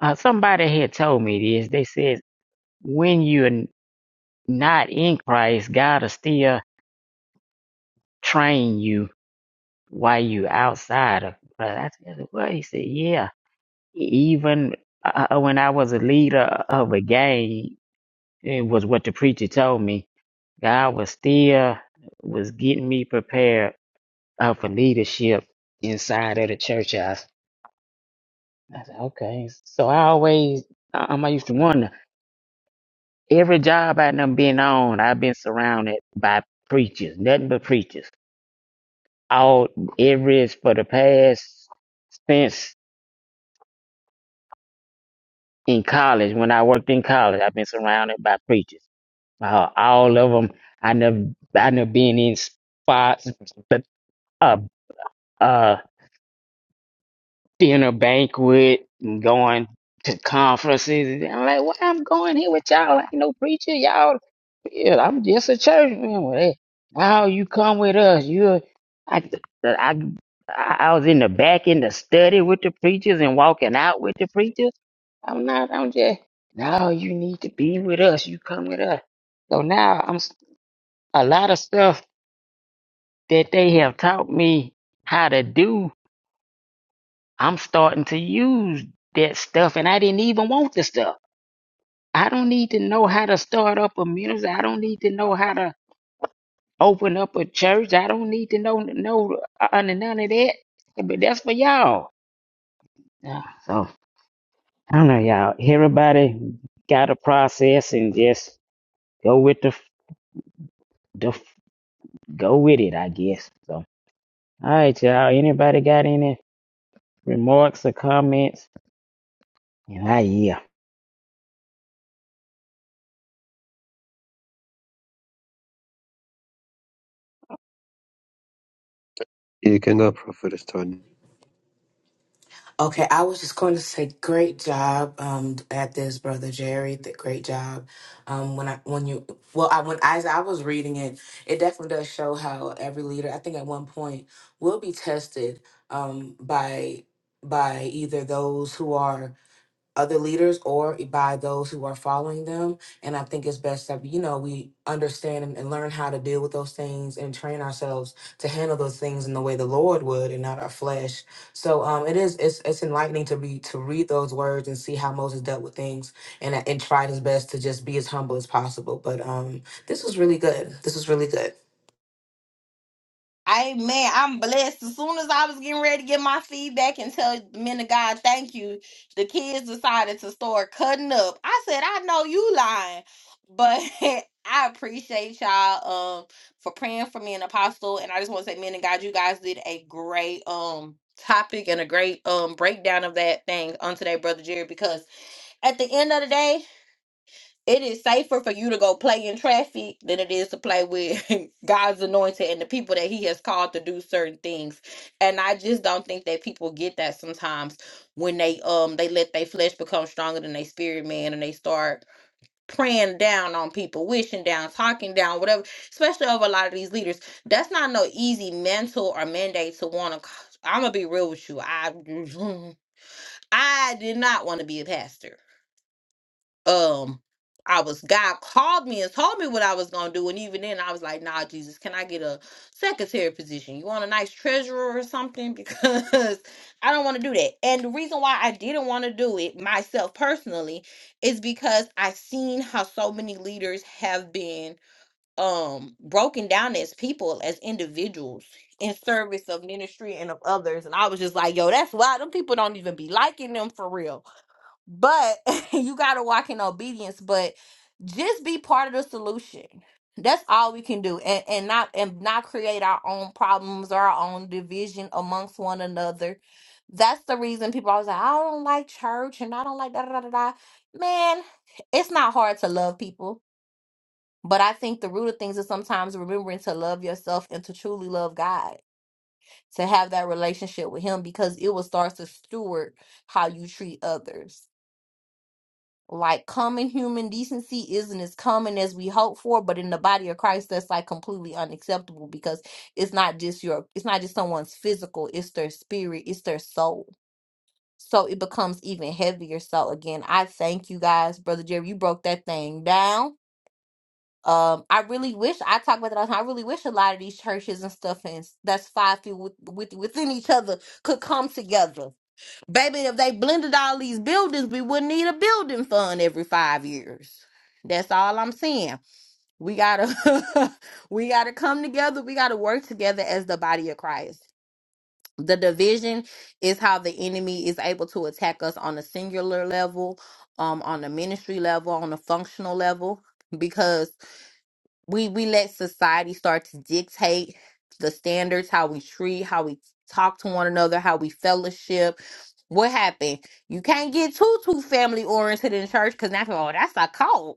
[SPEAKER 2] uh, somebody had told me this. They said, when you're n- not in Christ, God is still train you while you outside of but I said, well, he said, yeah. e, Even uh, uh, when I was a leader of a gang, it was what the preacher told me. God was still was getting me prepared uh, for leadership inside of the church house. I said, okay. So I always, um, I used to wonder, every job I done been on, I've been surrounded by preachers, nothing but preachers. All, every, for the past, since. in college, when I worked in college, I've been surrounded by preachers. Uh, all of them, I never, I never been in spots, but uh, uh, dinner banquet and going to conferences. And I'm like, what I'm going here with y'all? I ain't no preacher, y'all. Yeah, I'm just a church man. Well, hey, how you come with us? You, I, I, I was in the back in the study with the preachers and walking out with the preachers. I'm not. I'm just. No, you need to be with us. You come with us. So now I'm s- a lot of stuff that they have taught me how to do. I'm starting to use that stuff and I didn't even want the stuff. I don't need to know how to start up a ministry. I don't need to know how to open up a church. I don't need to know know uh, uh, none of that. But that's for y'all. Yeah, So I don't know, y'all. Everybody got a process and just go with the the go with it, I guess. So all right, y'all. Anybody got any remarks or comments? And I yeah.
[SPEAKER 3] You can now, Prophetess Tony.
[SPEAKER 4] Okay, I was just going to say, great job um, at this, brother Jerry. Th- Great job. Um, when I when you well, I when as I was reading it, it definitely does show how every leader, I think, at one point will be tested um, by by either those who are other leaders or by those who are following them. And I think it's best that, you know, we understand and, and learn how to deal with those things and train ourselves to handle those things in the way the Lord would and not our flesh. So um it is it's it's enlightening to be to read those words and see how Moses dealt with things and and tried his best to just be as humble as possible. But um this was really good. This was really good.
[SPEAKER 5] Amen. I'm blessed. As soon as I was getting ready to get my feedback and tell the men of God, thank you, the kids decided to start cutting up. I said, I know you lying, but I appreciate y'all um for praying for me and apostle. And I just want to say, men of God, you guys did a great um topic and a great um breakdown of that thing on today, Brother Jerry, because at the end of the day, It is safer for you to go play in traffic than it is to play with God's anointed and the people that He has called to do certain things. And I just don't think that people get that sometimes when they um they let their flesh become stronger than their spirit man and they start praying down on people, wishing down, talking down, whatever, especially over a lot of these leaders. That's not no easy mental or mandate to want to I'm gonna be real with you. I I did not want to be a pastor um I was God called me and told me what I was gonna do, and even then I was like, "Nah, Jesus, can I get a secretary position? You want a nice treasurer or something? Because I don't want to do that." And the reason why I didn't want to do it myself personally is because I've seen how so many leaders have been um broken down as people, as individuals, in service of ministry and of others, and I was just like, "Yo, that's why them people don't even be liking them for real." but you got to walk in obedience but just be part of the solution that's all we can do and, and not and not create our own problems or our own division amongst one another that's the reason people always like i don't like church and i don't like da da da da da." man it's not hard to love people but i think the root of things is sometimes remembering to love yourself and to truly love god to have that relationship with him because it will start to steward how you treat others like common human decency isn't as common as we hope for, but in the body of Christ, that's like completely unacceptable because it's not just your, it's not just someone's physical, it's their spirit, it's their soul. So it becomes even heavier. So again, I thank you guys, brother Jerry. You broke that thing down. Um, I really wish I talk about that. all the time. I really wish a lot of these churches and stuff and s- that's five feet with, with, within each other could come together Baby, if they blended all these buildings, we wouldn't need a building fund every five years. That's all I'm saying. We gotta we gotta come together. We gotta work together as the body of Christ. The division is how the enemy is able to attack us on a singular level, um, on a ministry level, on a functional level. because we we let society start to dictate the standards how we treat how we talk to one another how we fellowship what happened you can't get too too family oriented in church because now people oh that's a cult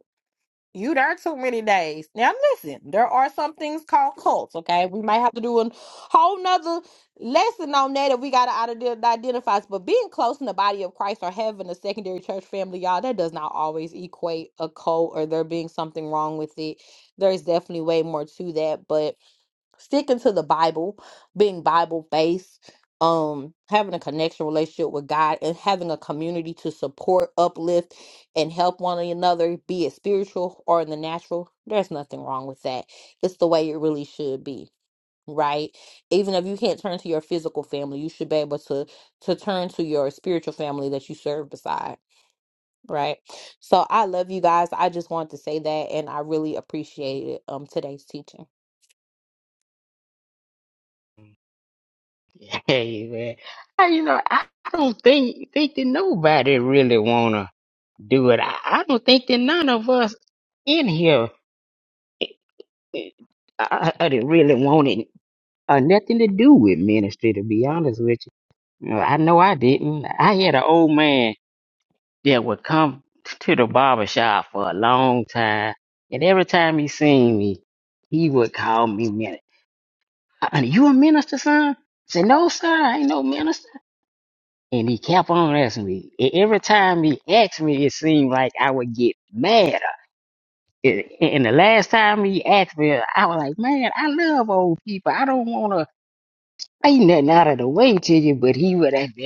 [SPEAKER 5] you there too many days. Now listen, there are some things called cults, okay? We might have to do a whole nother lesson on that if we gotta ident- identify. us. But being close in the body of Christ or having a secondary church family, y'all, that does not always equate a cult or there being something wrong with it. There's definitely way more to that. But sticking to the Bible, being Bible based, um, having a connection relationship with God, and having a community to support, uplift, and help one another, be it spiritual or in the natural. There's nothing wrong with that. It's the way it really should be, right? Even if you can't turn to your physical family, you should be able to to turn to your spiritual family that you serve beside. Right. So I love you guys. I just wanted to say that and I really appreciated um today's teaching.
[SPEAKER 2] Hey man, I, you know I, I don't think think that nobody really wanna do it. I, I don't think that none of us in here eh, I, I didn't really want it uh, nothing to do with ministry. To be honest with you, You know, I know I didn't. I had an old man that would come to the barber shop for a long time, and every time he seen me, he would call me minister. You a minister, son? I said no, sir. I ain't no minister. And he kept on asking me. E- Every time he asked me, it seemed like I would get madder. A- And the last time he asked me, I was like, man, I love old people. I don't want to say nothing out of the way to you, but he would have.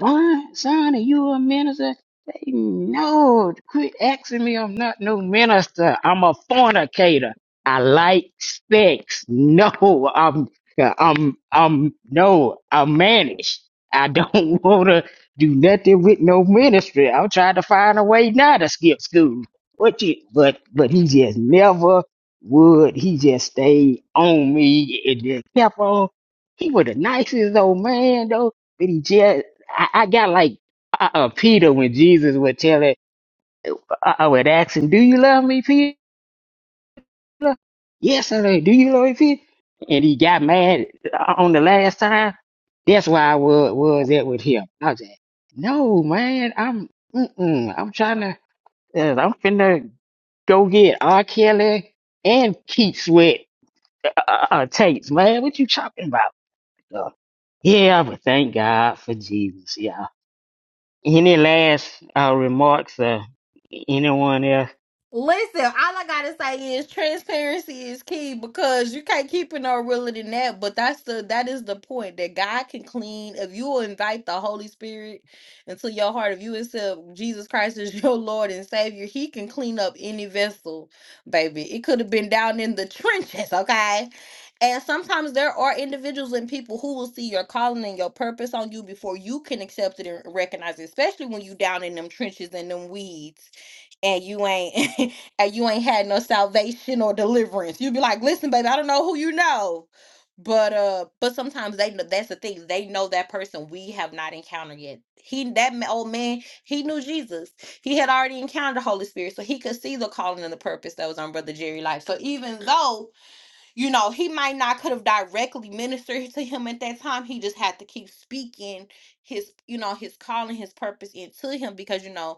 [SPEAKER 2] Son, son, are you a minister? Say, no, quit asking me. I'm not no minister. I'm a fornicator. I like sex. No, I'm, I'm, I'm, no, I'm managed. I don't want to do nothing with no ministry. I'm trying to find a way now to skip school. What you, but, but he just never would. He just stayed on me and then kept on. He was the nicest old man though, but he just I, I got like uh, uh, Peter when Jesus would tell it, uh, I would ask him, "Do you love me, Peter?" Yes, I do. Do you love me, Peter? And he got mad uh, on the last time. That's why I was was at with him. I was like, "No, man, I'm mm-mm, I'm trying to, uh, I'm finna go get R. Kelly and Keith Sweat uh, uh, uh, tapes, man. What you talking about?" Uh, yeah, but thank God for Jesus. Yeah. Any last uh, remarks? Uh, anyone else?
[SPEAKER 5] Listen, all I gotta say is transparency is key because you can't keep it no realer than that. But that's the that is the point that God can clean if you will invite the Holy Spirit into your heart. If you accept Jesus Christ as your Lord and Savior, He can clean up any vessel, baby. It could have been down in the trenches, okay. And sometimes there are individuals and people who will see your calling and your purpose on you before you can accept it and recognize it, especially when you down in them trenches and them weeds and you ain't and you ain't had no salvation or deliverance. You'd be like, listen, baby, I don't know who you know. But uh, but sometimes they know that's the thing. They know that person we have not encountered yet. He that ma- old man, he knew Jesus. He had already encountered the Holy Spirit, so he could see the calling and the purpose that was on Brother Jerry' life. So even though you know he might not could have directly ministered to him at that time he just had to keep speaking his you know his calling his purpose into him because you know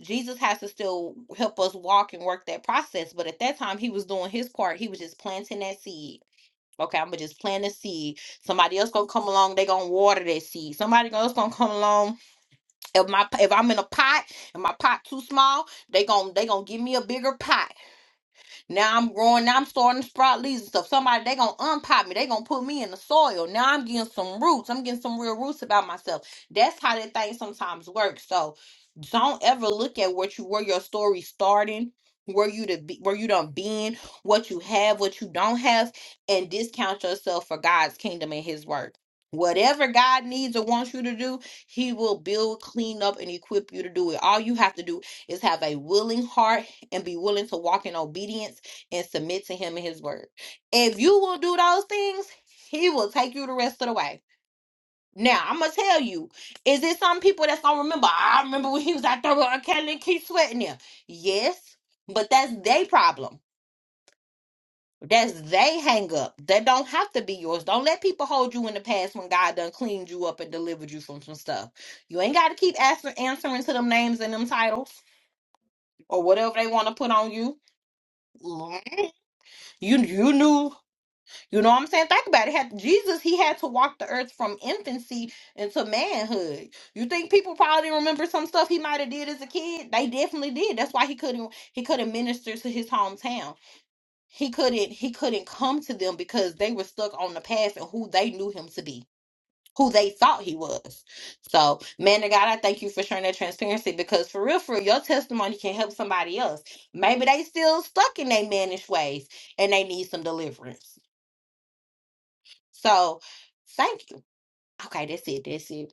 [SPEAKER 5] jesus has to still help us walk and work that process but at that time he was doing his part he was just planting that seed okay i'm gonna just plant a seed somebody else gonna come along they gonna water that seed somebody else gonna come along if my if i'm in a pot and my pot too small they gonna they gonna give me a bigger pot now I'm growing. Now I'm starting to sprout leaves and stuff. Somebody they gonna unpot me. They gonna put me in the soil. Now I'm getting some roots. I'm getting some real roots about myself. That's how that thing sometimes works. So don't ever look at what you where your story starting, where you to be, where you done been, what you have, what you don't have, and discount yourself for God's kingdom and His work. Whatever God needs or wants you to do, He will build, clean up, and equip you to do it. All you have to do is have a willing heart and be willing to walk in obedience and submit to him and his word. If you will do those things, he will take you the rest of the way. Now, I'm gonna tell you, is it some people that's gonna remember? I remember when he was out there with R. Kelly and Keith Sweating there. Yes, but that's their problem. That's they hang up. That don't have to be yours. Don't let people hold you in the past when God done cleaned you up and delivered you from some stuff. You ain't gotta keep asking, answering to them names and them titles or whatever they want to put on you. You you knew You know what I'm saying? Think about it. Had Jesus, he had to walk the earth from infancy into manhood. You think people probably remember some stuff he might have did as a kid? They definitely did. That's why he couldn't he couldn't minister to his hometown. He couldn't he couldn't come to them because they were stuck on the past and who they knew him to be, who they thought he was. So, man of God, I thank you for sharing that transparency because for real, for real, your testimony can help somebody else. Maybe they still stuck in their mannish ways and they need some deliverance. So thank you. Okay, that's it. That's it.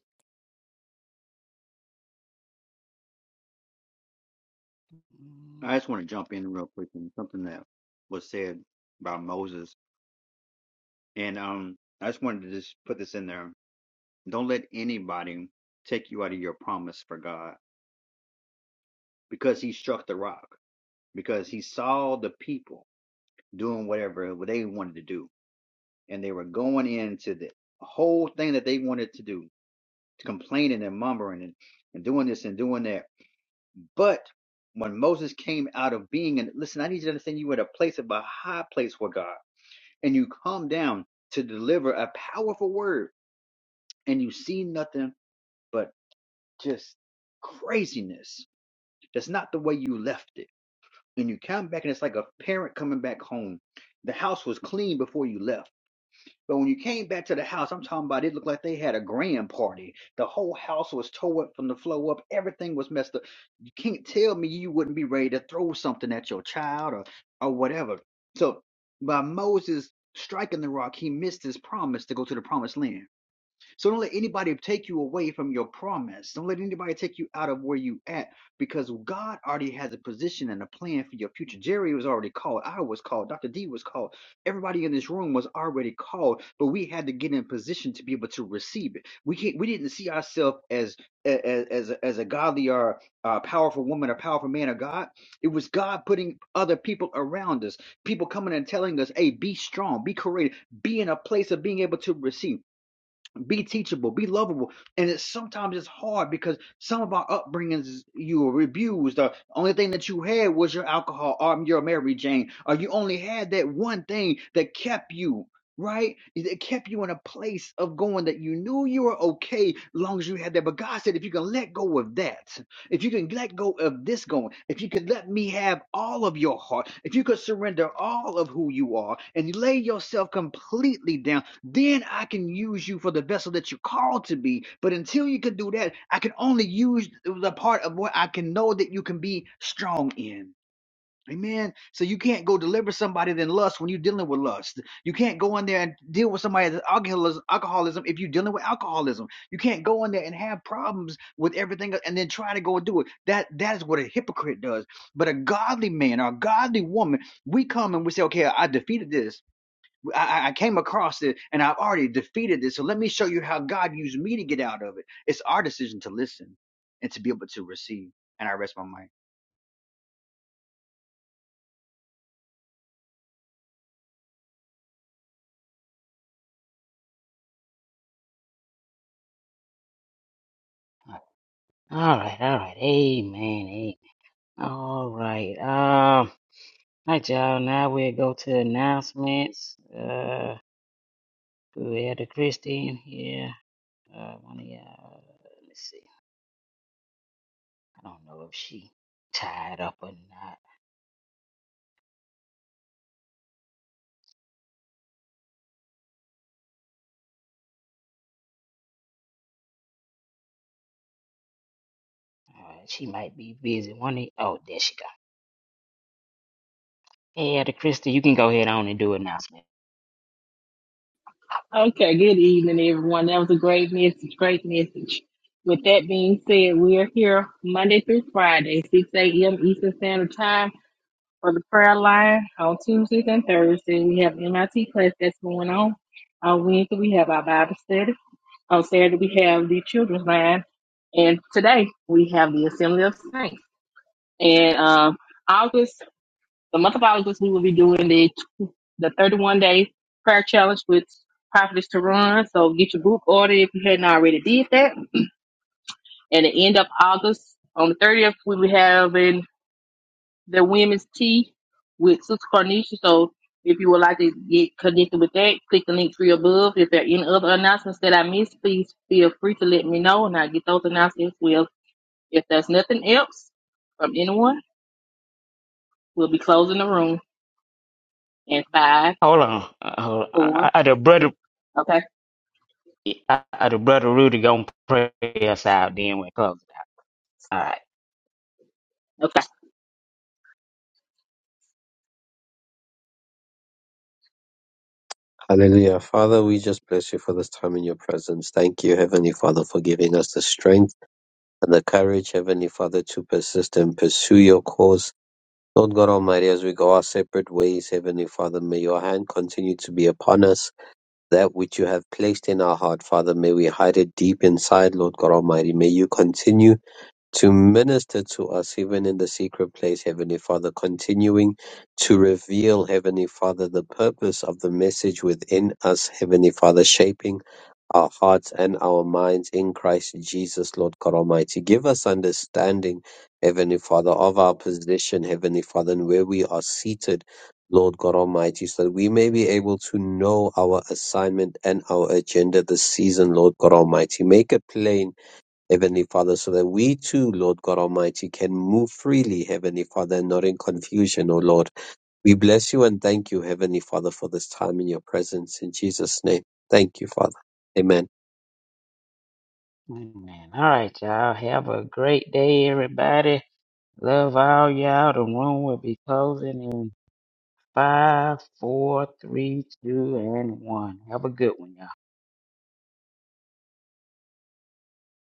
[SPEAKER 6] I just want to jump in real quick and something that was said about Moses And um, I just wanted to just put this in there. Don't let anybody take you out of your promise for God because he struck the rock, because he saw the people doing whatever they wanted to do. And they were going into the whole thing that they wanted to do, complaining and mumbling and, and doing this and doing that. But when Moses came out of being, and listen, I need you to understand you were at a place of a high place for God, and you come down to deliver a powerful word, and you see nothing. but. just craziness. That's not the way you left it. And you come back, and it's like a parent coming back home. The house was clean before you left. But when you came back to the house, I'm talking about it looked like they had a grand party. The whole house was tore up from the floor up. Everything was messed up. You can't tell me you wouldn't be ready to throw something at your child or, or whatever. So by Moses striking the rock, he missed his promise to go to the promised land so don't let anybody take you away from your promise. Don't let anybody take you out of where you at because God already has a position and a plan for your future. Jerry was already called. I was called. Dr. D was called. Everybody in this room was already called, but we had to get in position to be able to receive it. We can't, we didn't see ourselves as as as a, as a godly or uh, powerful woman or powerful man of God. It was God putting other people around us, people coming and telling us, "Hey, be strong, be courageous, be in a place of being able to receive." be teachable, be lovable. And it's sometimes it's hard because some of our upbringings, is you were abused. The only thing that you had was your alcohol or your Mary Jane, or you only had that one thing that kept you. Right? It kept you in a place of going that you knew you were okay long as you had that. But God said, if you can let go of that, if you can let go of this going, if you could let me have all of your heart, if you could surrender all of who you are and lay yourself completely down then I can use you for the vessel that you're called to be. But until you can do that, I can only use the part of what I can know that you can be strong in. Amen. So you can't go deliver somebody than lust when you're dealing with lust. You can't go in there and deal with somebody that's alcoholism, alcoholism if you're dealing with alcoholism. You can't go in there and have problems with everything and then try to go and do it. That that is what a hypocrite does. But a godly man or a godly woman, we come and we say, okay, I defeated this. I, I came across it and I've already defeated this. So let me show you how God used me to get out of it. It's our decision to listen and to be able to receive. And I rest my mind.
[SPEAKER 2] All right, all right. Amen. amen. All right. Um, all right, y'all. Now we'll go to announcements. Uh, we had a Christy here. Uh, one of y'all. Let me see. I don't know if she tied up or not. All right, she might be busy. One of oh, there she go. Hey, Ada Christy, you can go ahead on and do announcement.
[SPEAKER 7] Okay, good evening, everyone. That was a great message. Great message. With that being said, we are here Monday through Friday, 6 a.m. Eastern Standard Time for the prayer line on Tuesdays and Thursdays. We have MIT class that's going on. On Wednesday, we have our Bible study. On Saturday, we have the children's line. And today, we have the Assembly of Saints. And uh, August the month of August, we will be doing the the 31 day prayer challenge with Prophetess Teron. So get your book ordered if you hadn't already did that. And at the end of August, on the 30th, we'll be having the women's tea with Sister Cornisha. So if you would like to get connected with that, click the link tree above. If there are any other announcements that I missed, please feel free to let me know and I'll get those announcements as well. If there's nothing else from anyone, we'll be closing the room in five,
[SPEAKER 2] Hold on. Uh, hold on.
[SPEAKER 7] four,
[SPEAKER 2] I, I, the brother.
[SPEAKER 7] okay,
[SPEAKER 2] I, I, the brother Rudy gonna pray us out then we close. it. All right,
[SPEAKER 7] okay.
[SPEAKER 3] Hallelujah. Father, we just bless you for this time in your presence. Thank you, Heavenly Father, for giving us the strength and the courage, Heavenly Father, to persist and pursue your cause. Lord God Almighty, as we go our separate ways, Heavenly Father, may your hand continue to be upon us. That which you have placed in our heart, Father, may we hide it deep inside, Lord God Almighty. May you continue to minister to us even in the secret place, Heavenly Father, continuing to reveal, Heavenly Father, the purpose of the message within us, Heavenly Father, shaping our hearts and our minds in Christ Jesus, Lord God Almighty. Give us understanding, Heavenly Father, of our position, Heavenly Father, and where we are seated. Lord God Almighty, so that we may be able to know our assignment and our agenda this season, Lord God Almighty. Make it plain Heavenly Father, so that we too, Lord God Almighty, can move freely, Heavenly Father, and not in confusion, O Lord. We bless you and thank you, Heavenly Father, for this time in your presence. In Jesus' name, thank you, Father. Amen.
[SPEAKER 2] amen. All right, y'all. Have a great day, everybody. Love all y'all. The room will be closing in five, four, three, two, and one. Have a good one, y'all.